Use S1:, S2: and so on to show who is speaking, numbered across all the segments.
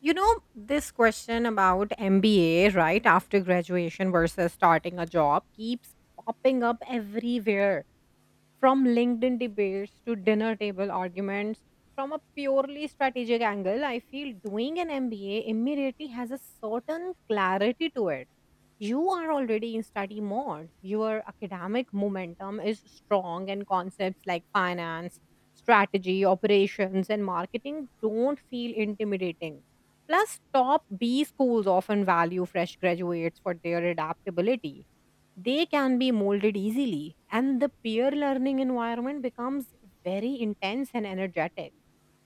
S1: You know, this question about MBA right after graduation versus starting a job keeps popping up everywhere. From LinkedIn debates to dinner table arguments, from a purely strategic angle, I feel doing an MBA immediately has a certain clarity to it. You are already in study mode. Your academic momentum is strong, and concepts like finance, strategy, operations, and marketing don't feel intimidating. Plus, top B schools often value fresh graduates for their adaptability: they can be molded easily, and the peer learning environment becomes very intense and energetic.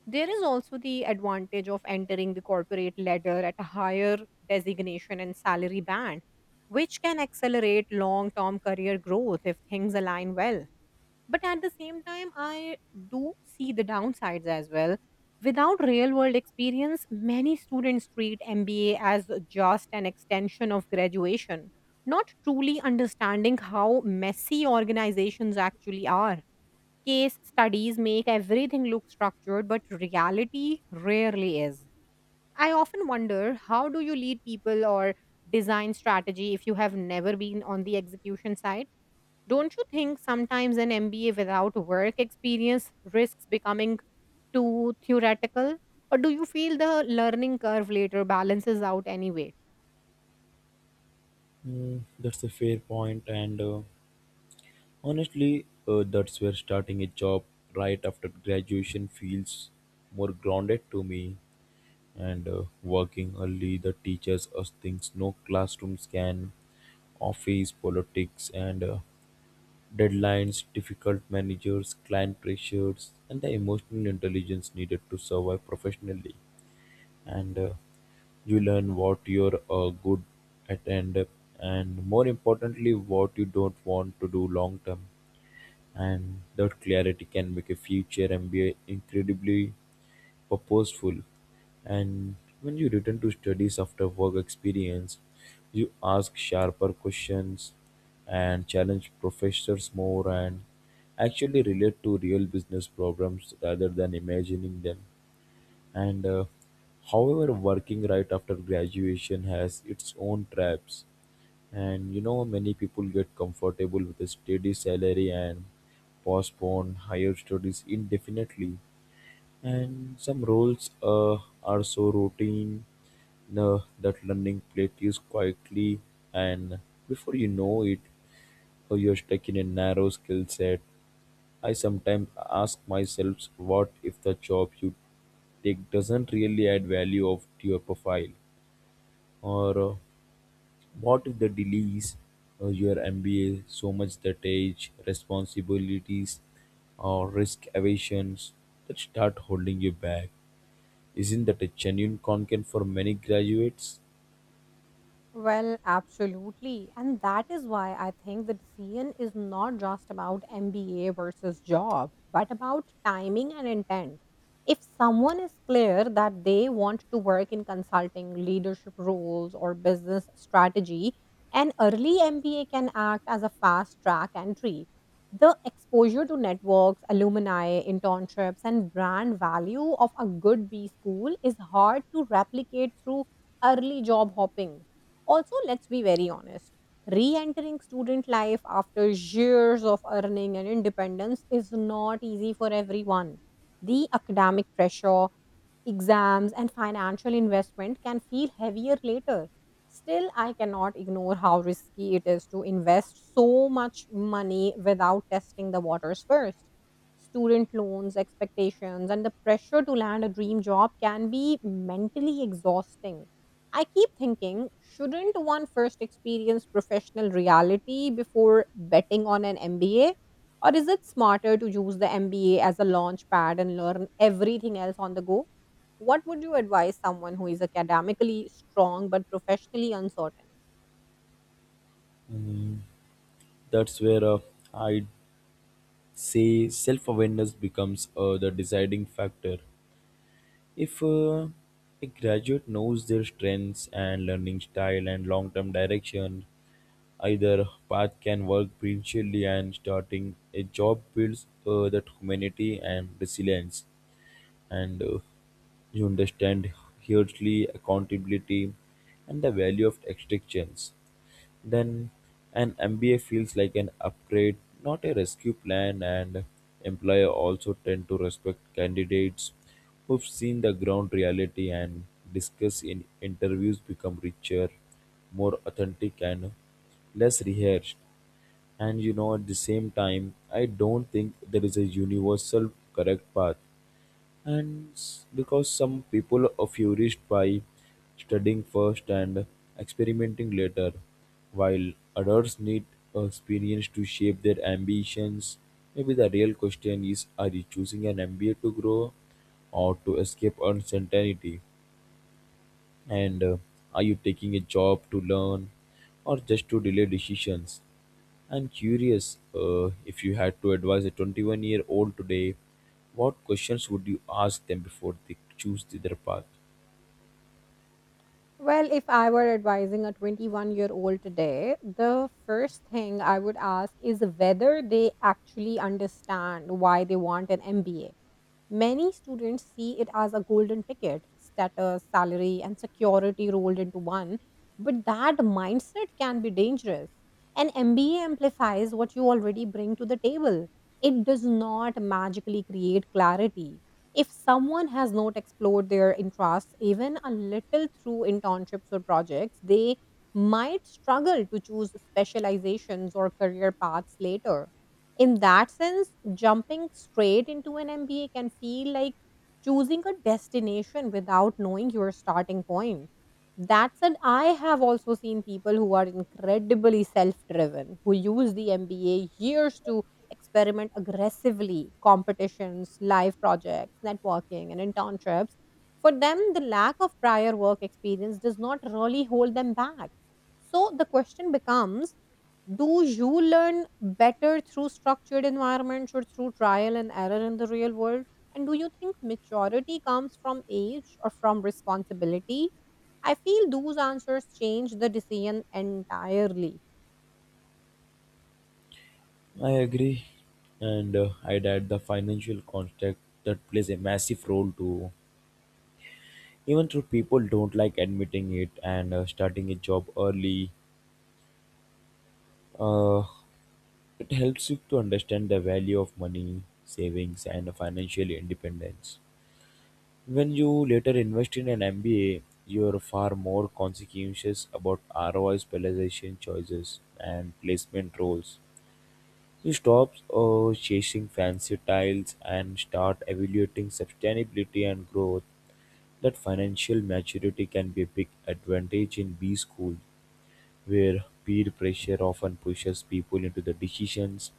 S1: There is also the advantage of entering the corporate ladder at a higher designation and salary band, which can accelerate long term career growth if things align well. But at the same time, I do see the downsides as well. Without real world experience, many students treat MBA as just an extension of graduation, not truly understanding how messy organizations actually are. Case studies make everything look structured, but reality rarely is. I often wonder, how do you lead people or design strategy if you have never been on the execution side? Don't you think sometimes an MBA without work experience risks becoming too theoretical? Or do you feel the learning curve later balances out anyway?
S2: That's a fair point, and honestly, that's where starting a job right after graduation feels more grounded to me. And working early, the teachers us things no classrooms can, office politics and deadlines, difficult managers, client pressures, and the emotional intelligence needed to survive professionally. And you learn what you're good at and more importantly what you don't want to do long term. And that clarity can make a future MBA incredibly purposeful. And when you return to studies after work experience, you ask sharper questions and challenge professors more and actually relate to real business problems rather than imagining them and However, working right after graduation has its own traps, and you know many people get comfortable with a steady salary and postpone higher studies indefinitely, and some roles are so routine that learning plateaus quietly and before you know it you're stuck in a narrow skill set. I sometimes ask myself, what if the job you take doesn't really add value of to your profile, or what if the delays your MBA so much that age responsibilities or risk aversions that start holding you back? Isn't that a genuine concern for many graduates?
S1: Well, absolutely. And that is why I think the decision is not just about MBA versus job, but about timing and intent. If someone is clear that they want to work in consulting, leadership roles, or business strategy, an early MBA can act as a fast track entry. The exposure to networks, alumni, internships, and brand value of a good B school is hard to replicate through early job hopping. Also, let's be very honest. Re entering student life after years of earning and independence is not easy for everyone. The academic pressure, exams and financial investment can feel heavier later. Still, I cannot ignore how risky it is to invest so much money without testing the waters first. Student loans, expectations, and the pressure to land a dream job can be mentally exhausting. I keep thinking, shouldn't one first experience professional reality before betting on an MBA? Or is it smarter to use the MBA as a launch pad and learn everything else on the go? What would you advise someone who is academically strong but professionally uncertain?
S2: That's where I say self-awareness becomes the deciding factor. If a graduate knows their strengths and learning style and long term direction, either path can work brilliantly, and starting a job builds that humanity and resilience, and you understand hugely accountability and the value of exchange. Then an MBA feels like an upgrade, not a rescue plan, and employer also tend to respect candidates who've seen the ground reality, and discuss in interviews become richer, more authentic and less rehearsed. And you know, at the same time, I don't think there is a universal correct path, and because some people are furious by studying first and experimenting later, while others need experience to shape their ambitions. Maybe the real question is, are you choosing an MBA to grow or to escape uncertainty? And are you taking a job to learn or just to delay decisions? I'm curious, if you had to advise a 21-year-old today, what questions would you ask them before they choose their path?
S1: Well, if I were advising a 21-year-old today, the first thing I would ask is whether they actually understand why they want an MBA. Many students see it as a golden ticket, status, salary, and security rolled into one. But that mindset can be dangerous. An MBA amplifies what you already bring to the table. It does not magically create clarity. If someone has not explored their interests even a little through internships or projects, they might struggle to choose specializations or career paths later. In that sense, jumping straight into an MBA can feel like choosing a destination without knowing your starting point. That said, I have also seen people who are incredibly self driven, who use the MBA years to experiment aggressively: competitions, live projects, networking, and internships. For them, the lack of prior work experience does not really hold them back. So the question becomes, do you learn better through structured environments or through trial and error in the real world? And do you think maturity comes from age or from responsibility? I feel those answers change the decision entirely.
S2: I agree. And I'd add the financial context that plays a massive role too. Even though people don't like admitting it, and starting a job early, uh, it helps you to understand the value of money, savings, and financial independence. When you later invest in an MBA, you are far more conscientious about ROI specialization choices and placement roles. You stop chasing fancy tiles and start evaluating sustainability and growth. That financial maturity can be a big advantage in B school, where peer pressure often pushes people into the decisions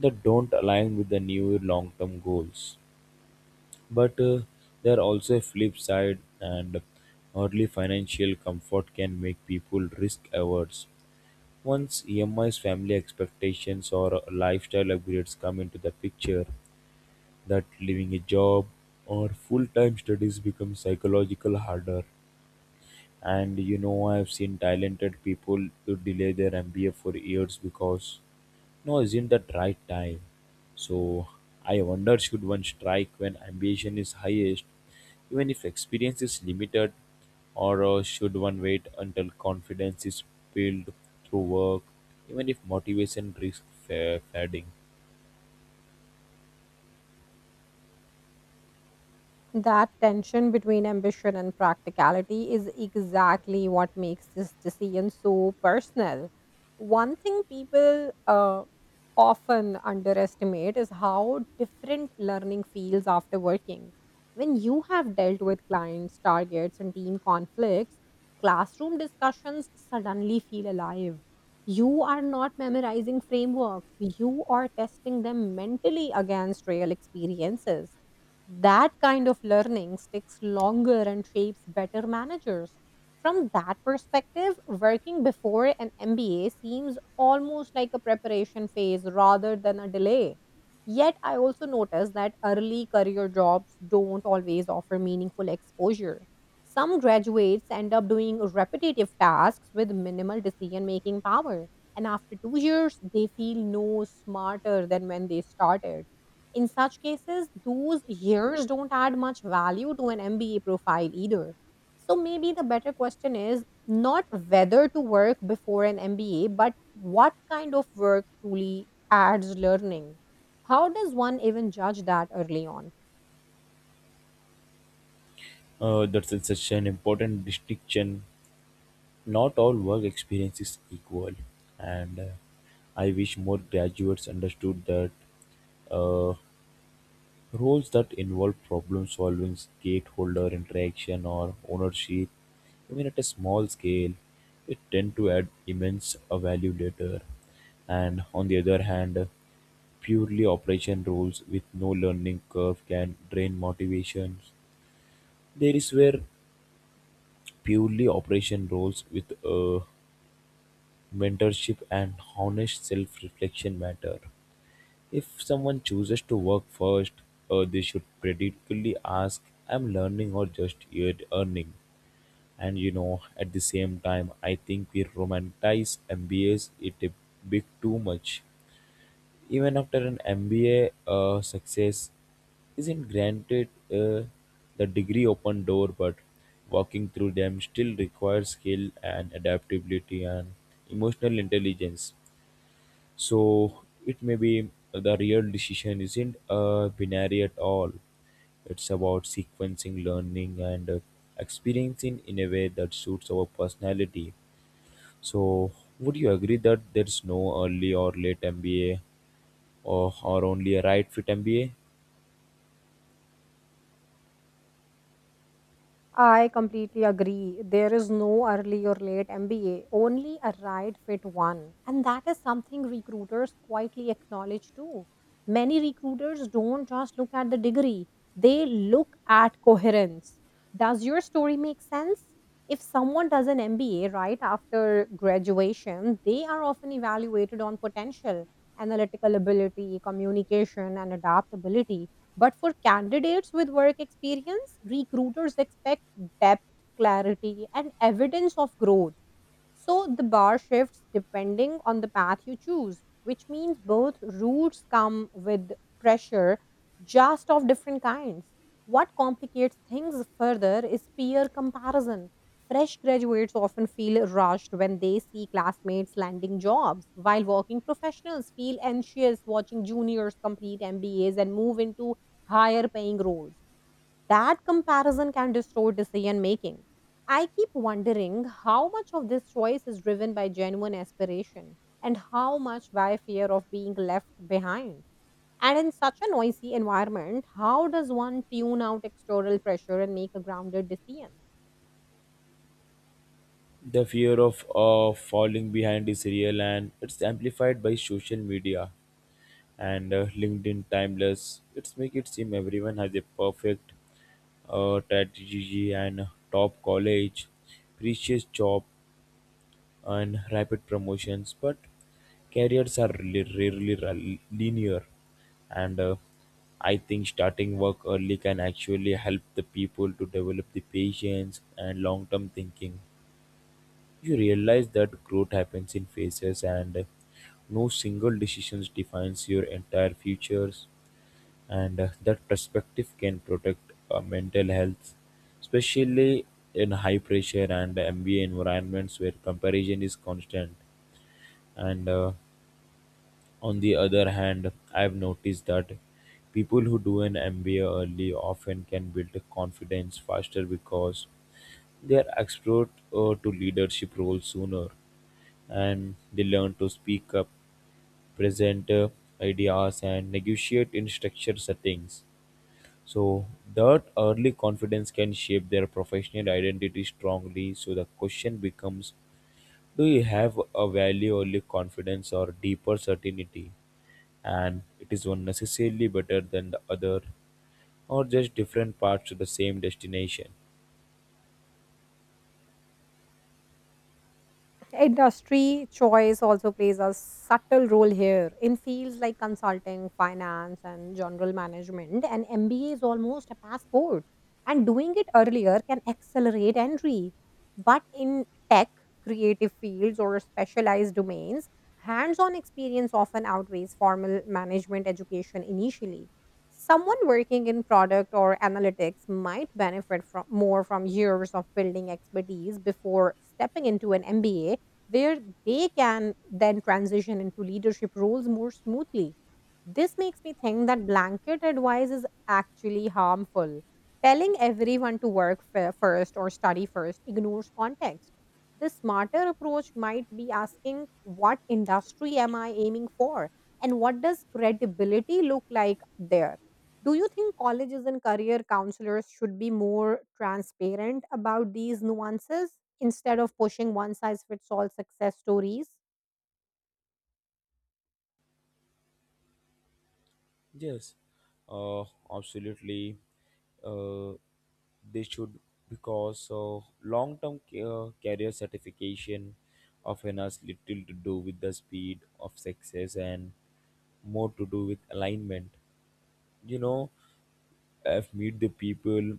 S2: that don't align with the new long-term goals. But there are also a flip side, and early financial comfort can make people risk averse. Once EMI's family expectations or lifestyle upgrades come into the picture, that leaving a job or full-time studies becomes psychological harder. And you know, I've seen talented people to delay their MBA for years because no, isn't that right time? So I wonder, should one strike when ambition is highest, even if experience is limited, or should one wait until confidence is built through work, even if motivation risks fading?
S1: That tension between ambition and practicality is exactly what makes this decision so personal. One thing people often underestimate is how different learning feels after working. When you have dealt with clients, targets, and team conflicts, classroom discussions suddenly feel alive. You are not memorizing frameworks, you are testing them mentally against real experiences. That kind of learning sticks longer and shapes better managers. From that perspective, working before an MBA seems almost like a preparation phase rather than a delay. Yet, I also notice that early career jobs don't always offer meaningful exposure. Some graduates end up doing repetitive tasks with minimal decision making power, and after two years, they feel no smarter than when they started. In such cases, those years don't add much value to an MBA profile either. So maybe the better question is not whether to work before an MBA, but what kind of work truly adds learning. How does one even judge that early on?
S2: That's such an important distinction. Not all work experience is equal, and I wish more graduates understood that. uh, Roles that involve problem solving, stakeholder interaction, or ownership, even at a small scale, it tend to add immense value later. And on the other hand, purely operation roles with no learning curve can drain motivations. There is where purely operation roles with mentorship and honest self-reflection matter. If someone chooses to work first, they should critically ask, "I'm learning or just yet earning?" And you know, at the same time, I think we romanticize MBAs it a bit too much. Even after an MBA, success isn't granted. uh, the degree open door, but walking through them still requires skill and adaptability and emotional intelligence. So it may be the real decision isn't binary at all. It's about sequencing learning and experiencing in a way that suits our personality. So would you agree that there's no early or late MBA, or only a right fit MBA?
S1: I completely agree. There is no early or late MBA, only a right fit one. And that is something recruiters quietly acknowledge too. Many recruiters don't just look at the degree, they look at coherence. Does your story make sense? If someone does an MBA right after graduation, they are often evaluated on potential, analytical ability, communication, and adaptability, but for candidates with work experience, recruiters expect depth, clarity, and evidence of growth. So the bar shifts depending on the path you choose, which means both routes come with pressure, just of different kinds. What complicates things further is peer comparison. Fresh graduates often feel rushed when they see classmates landing jobs, while working professionals feel anxious watching juniors complete MBAs and move into higher paying roles. That comparison can distort decision making. I keep wondering how much of this choice is driven by genuine aspiration and how much by fear of being left behind. And in such a noisy environment, how does one tune out external pressure and make a grounded decision?
S2: The fear of falling behind is real, and it's amplified by social media and LinkedIn timeless. It's make it seem everyone has a perfect strategy and top college, precious job and rapid promotions, but careers are rarely, linear. And I think starting work early can actually help the people to develop the patience and long-term thinking. You realize that growth happens in phases, and no single decision defines your entire futures, and that perspective can protect mental health, especially in high pressure and MBA environments where comparison is constant. And on the other hand, I've noticed that people who do an MBA early often can build confidence faster because they are exposed to leadership roles sooner, and they learn to speak up, present ideas and negotiate in structured settings. So that early confidence can shape their professional identity strongly. So the question becomes, do you have a value only confidence or deeper certainty? And it is one necessarily better than the other, or just different parts to the same destination.
S1: Industry choice also plays a subtle role here. In fields like consulting, finance, and general management, an MBA is almost a passport, and doing it earlier can accelerate entry. But in tech, creative fields, or specialized domains, hands on experience often outweighs formal management education initially. Someone working in product or analytics might benefit from more from years of building expertise before stepping into an MBA, where they can then transition into leadership roles more smoothly. This makes me think that blanket advice is actually harmful. Telling everyone to first or study first ignores context. The smarter approach might be asking, what industry am I aiming for? And what does credibility look like there? Do you think colleges and career counselors should be more transparent about these nuances instead of pushing one size fits all success stories?
S2: Yes, uh, absolutely. Uh, they should, because long-term career certification often has little to do with the speed of success and more to do with alignment. You know, I've met the people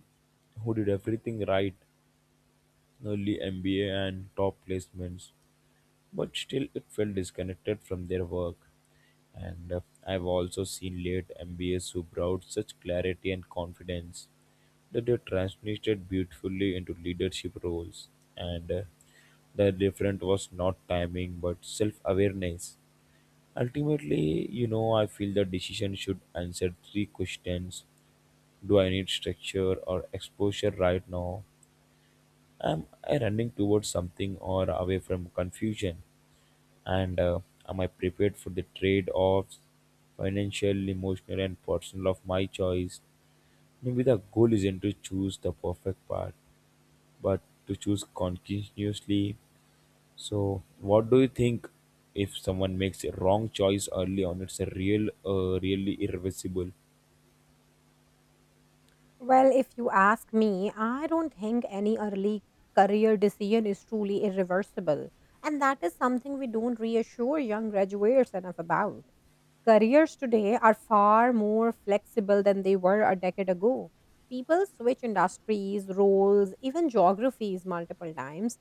S2: who did everything right, early MBA and top placements, but still it felt disconnected from their work. And I've also seen late MBAs who brought such clarity and confidence that they translated beautifully into leadership roles. And the difference was not timing but self awareness. Ultimately, you know, I feel the decision should answer three questions. Do I need structure or exposure right now? Am I running towards something or away from confusion? And am I prepared for the trade-offs, financial, emotional and personal, of my choice? Maybe the goal isn't to choose the perfect path, but to choose continuously. So what do you think? If someone makes a wrong choice early on, it's a real really irreversible?
S1: Well, if you ask me, I don't think any early career decision is truly irreversible. And that is something we don't reassure young graduates enough about. Careers today are far more flexible than they were a decade ago. People switch industries, roles, even geographies multiple times.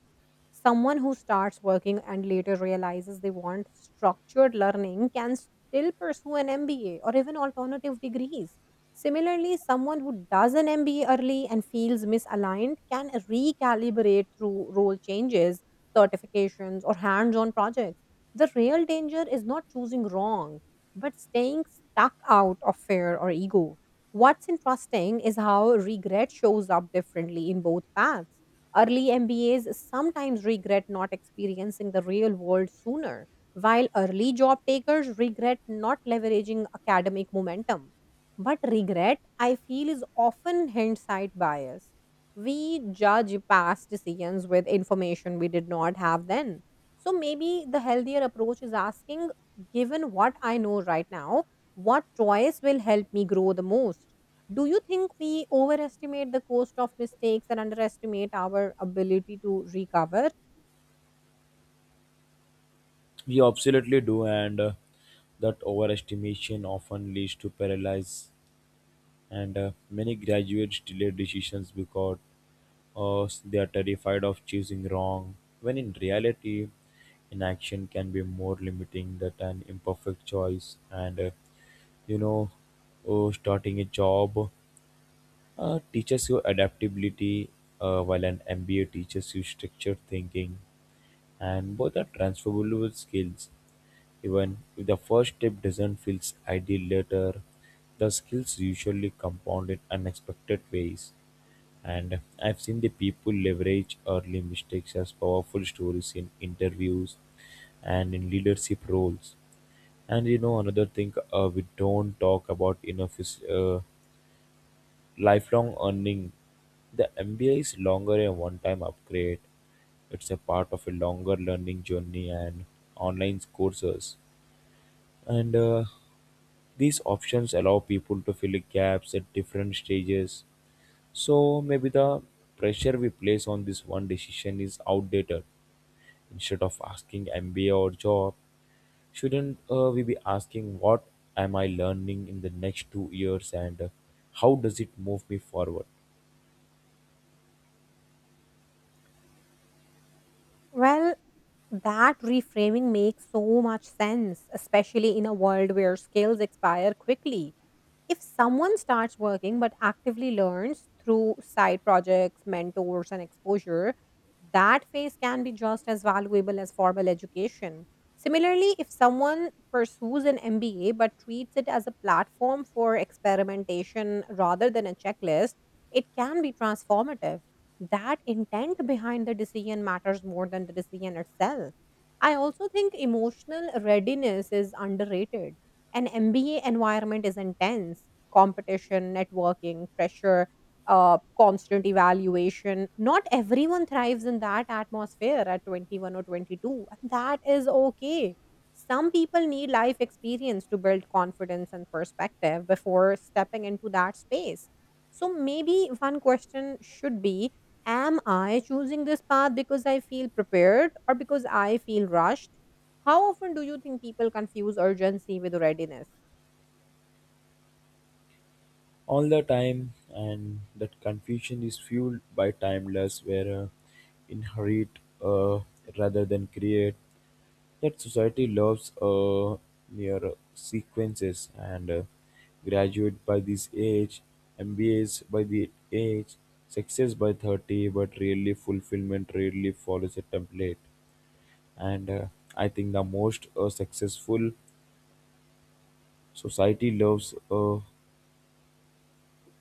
S1: Someone who starts working and later realizes they want structured learning can still pursue an MBA or even alternative degrees. Similarly, someone who does an MBA early and feels misaligned can recalibrate through role changes, certifications, or hands on projects. The real danger is not choosing wrong, but staying stuck out of fear or ego. What's interesting is how regret shows up differently in both paths. Early MBAs sometimes regret not experiencing the real world sooner, while early job takers regret not leveraging academic momentum. But regret, I feel, is often hindsight bias. We judge past decisions with information we did not have then. So maybe the healthier approach is asking, given what I know right now, what choice will help me grow the most? Do you think we overestimate the cost of mistakes and underestimate our ability to recover?
S2: We absolutely do, and that overestimation often leads to paralysis, and many graduates delay decisions because or they are terrified of choosing wrong, when in reality, inaction can be more limiting than an imperfect choice. And you know, starting a job teaches you adaptability, while an MBA teaches you structured thinking, and both are transferable skills. Even if the first step doesn't feel ideal later, the skills usually compound in unexpected ways. And I've seen the people leverage early mistakes as powerful stories in interviews and in leadership roles. And you know, another thing we don't talk about enough is lifelong earning. The MBA is longer a one time upgrade, it's a part of a longer learning journey, and online courses and these options allow people to fill gaps at different stages. So maybe the pressure we place on this one decision is outdated. Instead of asking MBA or job, shouldn't we be asking what am I learning in the next 2 years, and how does it move me forward?
S1: Well, that reframing makes so much sense, especially in a world where skills expire quickly. If someone starts working but actively learns through side projects, mentors, and exposure, that phase can be just as valuable as formal education. Similarly, if someone pursues an MBA but treats it as a platform for experimentation rather than a checklist, it can be transformative. That intent behind the decision matters more than the decision itself. I also think emotional readiness is underrated. An MBA environment is intense: competition, networking, pressure, constant evaluation. Not everyone thrives in that atmosphere at 21 or 22, and that is okay. Some people need life experience to build confidence and perspective before stepping into that space. So, maybe one question should be, am I choosing this path because I feel prepared or because I feel rushed? How often do you think people confuse urgency with readiness?
S2: All the time, and that confusion is fueled by timeless where inherit uh, rather than create. Yet society loves near sequences, and graduate by this age, MBAs by the age, success by 30, but really fulfillment rarely follows a template. And I think the most successful society loves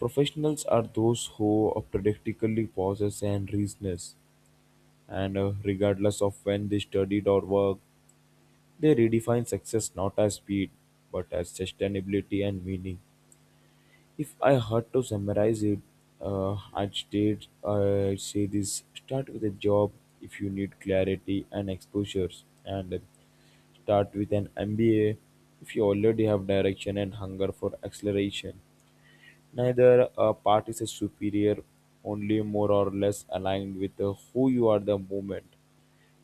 S2: professionals are those who practically possess and reasoners, and regardless of when they studied or worked, they redefine success not as speed, but as sustainability and meaning. If I had to summarize it, I'd say this: start with a job if you need clarity and exposures, and start with an MBA if you already have direction and hunger for acceleration. Neither part is a superior, only more or less aligned with who you are the moment,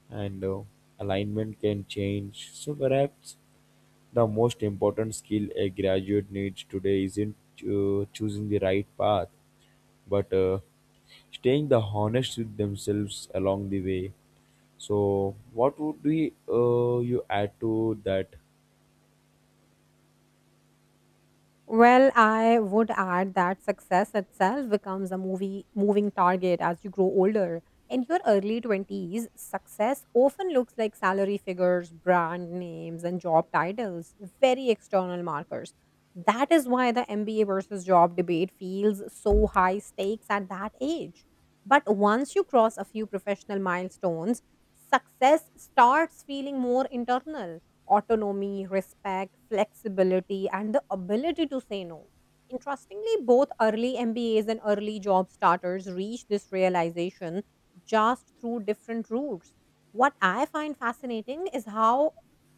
S2: and alignment can change. So perhaps the most important skill a graduate needs today isn't choosing the right path, but staying the honest with themselves along the way. So what would be you add to that?
S1: Well, I would add that success itself becomes a movie moving target as you grow older. In your early 20s, success often looks like salary figures, brand names, and job titles, very external markers. That is why the MBA versus job debate feels so high stakes at that age. But once you cross a few professional milestones, success starts feeling more internal: autonomy, respect, flexibility, and the ability to say no. Interestingly, both early MBAs and early job starters reach this realization just through different routes. What I find fascinating is how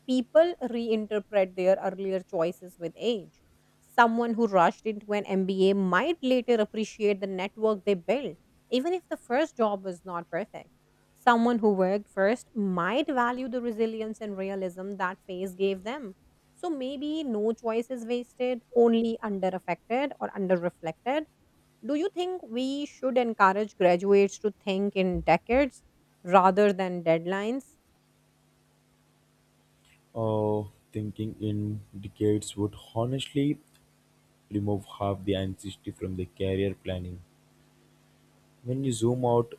S1: people reinterpret their earlier choices with age. Someone who rushed into an MBA might later appreciate the network they built, even if the first job was not perfect. Someone who worked first might value the resilience and realism that phase gave them. So maybe no choice is wasted, only under affected or under reflected. Do you think we should encourage graduates to think in decades rather than deadlines?
S2: Uh, Thinking in decades would honestly remove half the anxiety from the career planning. When you zoom out,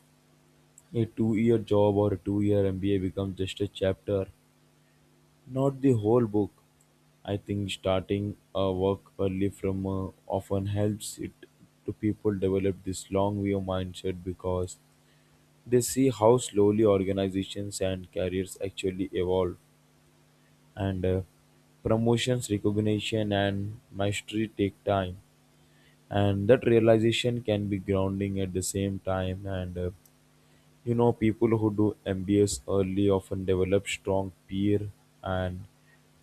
S2: a two-year job or a two-year MBA becomes just a chapter, not the whole book. I think starting a work early from often helps it to people develop this long view mindset because they see how slowly organizations and careers actually evolve, and promotions recognition and mastery take time, and that realization can be grounding at the same time. And you know, people who do MBAs early often develop strong peer and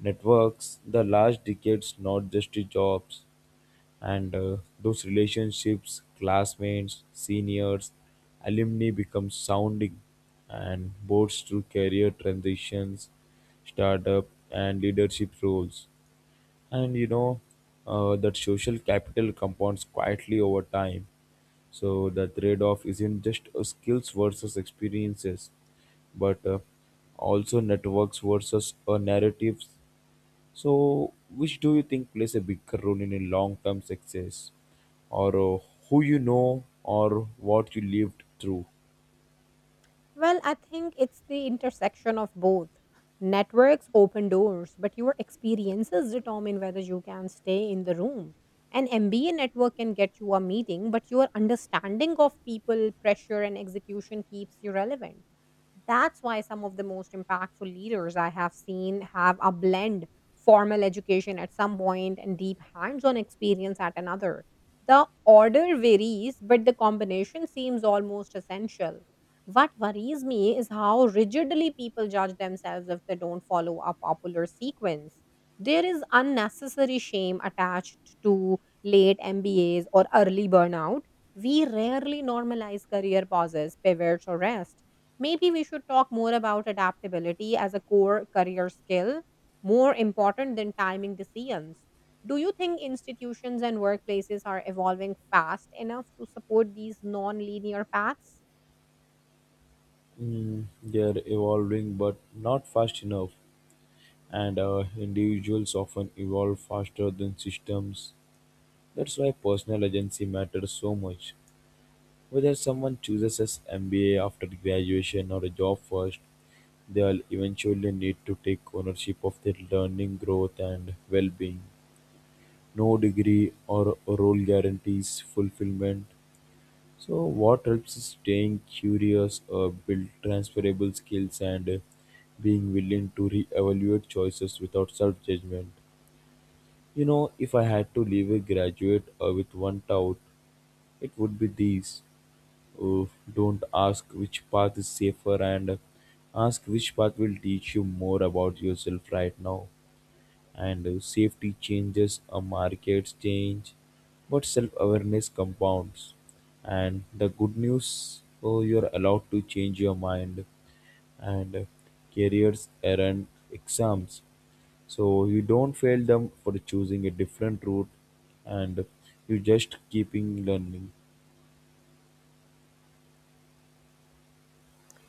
S2: networks the last decades, not just the jobs. And those relationships, classmates, seniors, alumni become sounding and boards through career transitions, startup, and leadership roles. And you know, that social capital compounds quietly over time. So the trade-off isn't just skills versus experiences, but also networks versus narratives. So which do you think plays a bigger role in a long-term success, or who you know or what you lived through?
S1: Well, I think it's the intersection of both. Networks open doors, but your experiences determine whether you can stay in the room. An MBA network can get you a meeting, but your understanding of people, pressure, and execution keeps you relevant. That's why some of the most impactful leaders I have seen have a blend formal education at some point and deep hands on experience at another. The order varies, but the combination seems almost essential. What worries me is how rigidly people judge themselves if they don't follow a popular sequence. There is unnecessary shame attached to late MBAs or early burnout. We rarely normalize career pauses, pivots, or rest. Maybe we should talk more about adaptability as a core career skill, more important than timing decisions. Do you think institutions and workplaces are evolving fast enough to support these non linear paths?
S2: They're evolving but not fast enough, and individuals often evolve faster than systems. That's why personal agency matters so much. Whether someone chooses an MBA after graduation or a job first, they'll eventually need to take ownership of their learning, growth, and well being. No degree or role guarantees fulfillment. So what helps is staying curious, build transferable skills, and being willing to re-evaluate choices without self-judgment. You know, if I had to leave a graduate with one doubt, it would be these. Oh, don't ask which path is safer, and ask which path will teach you more about yourself right now. And safety changes, markets change, but self awareness compounds. And the good news, oh, you're allowed to change your mind, and careers, errand, exams. So you don't fail them for choosing a different route, and you just keeping learning.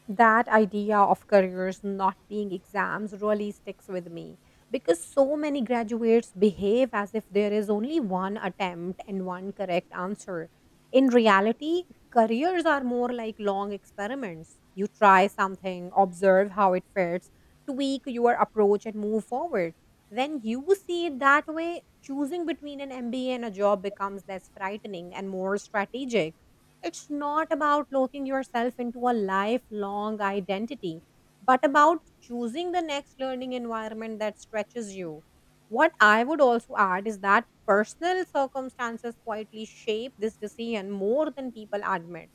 S1: That idea of careers not being exams really sticks with me because so many graduates behave as if there is only one attempt and one correct answer. In reality, careers are more like long experiments. You try something, observe how it fits, tweak your approach, and move forward. When you see it that way, choosing between an MBA and a job becomes less frightening and more strategic. It's not about locking yourself into a lifelong identity, but about choosing the next learning environment that stretches you. What I would also add is that personal circumstances quietly shape this decision more than people admit.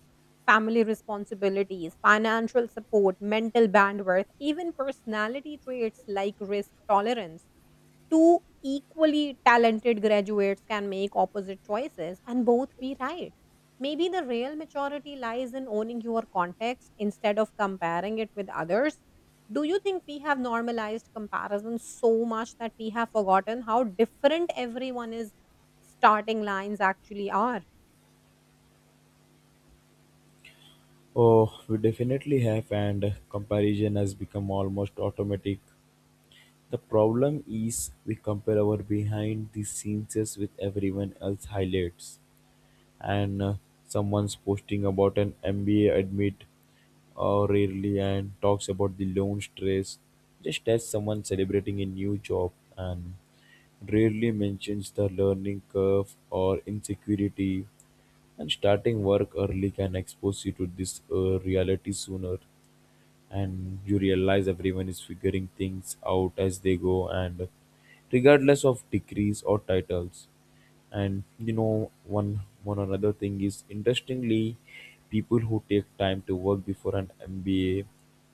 S1: Family responsibilities, financial support, mental bandwidth, even personality traits like risk tolerance, two equally talented graduates can make opposite choices and both be right. Maybe the real maturity lies in owning your context instead of comparing it with others. Do you think we have normalized comparison so much that we have forgotten how different everyone is starting lines actually are?
S2: Oh, we definitely have, and comparison has become almost automatic. The problem is we compare our behind the scenes with everyone else highlights, and someone's posting about an MBA admit rarely and talks about the loan stress, just as someone celebrating a new job and rarely mentions the learning curve or insecurity, and starting work early can expose you to this reality sooner, and you realize everyone is figuring things out as they go, and regardless of degrees or titles. And you know, one another thing is interestingly, people who take time to work before an MBA,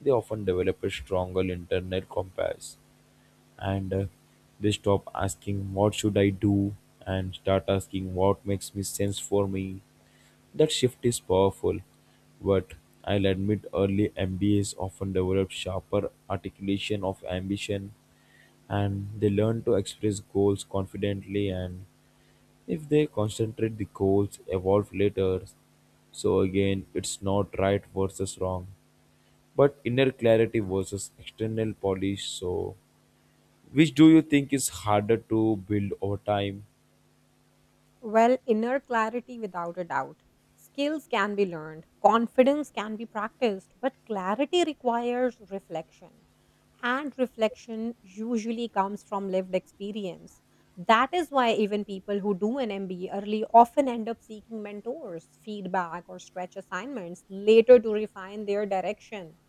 S2: they often develop a stronger internal compass, and they stop asking what should I do and start asking what makes me sense for me. That shift is powerful, but I'll admit early MBAs often develop sharper articulation of ambition, and they learn to express goals confidently, and if they concentrate the goals evolve later. So again, it's not right versus wrong but inner clarity versus external polish. So which do you think is harder to build over time?
S1: Well, inner clarity without a doubt. Skills can be learned, confidence can be practiced, but clarity requires reflection. And reflection usually comes from lived experience. That is why even people who do an MBA early often end up seeking mentors, feedback, or stretch assignments later to refine their direction.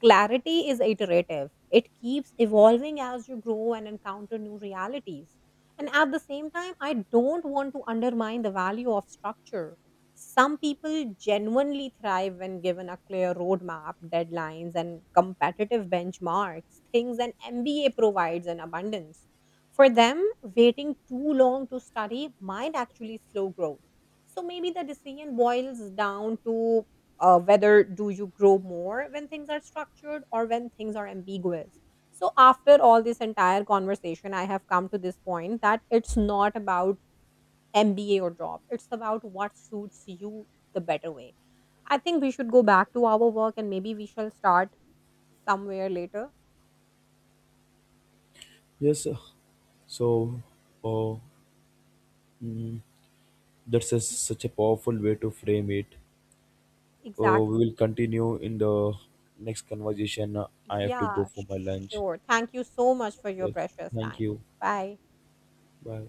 S1: Clarity is iterative. It keeps evolving as you grow and encounter new realities. And at the same time, I don't want to undermine the value of structure. Some people genuinely thrive when given a clear roadmap, deadlines, and competitive benchmarks, things an MBA provides in abundance. For them, waiting too long to study might actually slow growth. So maybe the decision boils down to whether do you grow more when things are structured or when things are ambiguous. So after all this entire conversation, I have come to this point that it's not about MBA or job, it's about what suits you the better way. I think we should go back to our work and maybe we shall start somewhere later.
S2: Yes sir. So oh, mm, that's such a powerful way to frame it. We
S1: Exactly.
S2: will continue in the next conversation. I have to go
S1: Yeah,
S2: for my lunch.
S1: sure, thank you so much for your
S2: Yes.
S1: precious
S2: Thank
S1: time.
S2: you.
S1: Bye.
S2: Bye.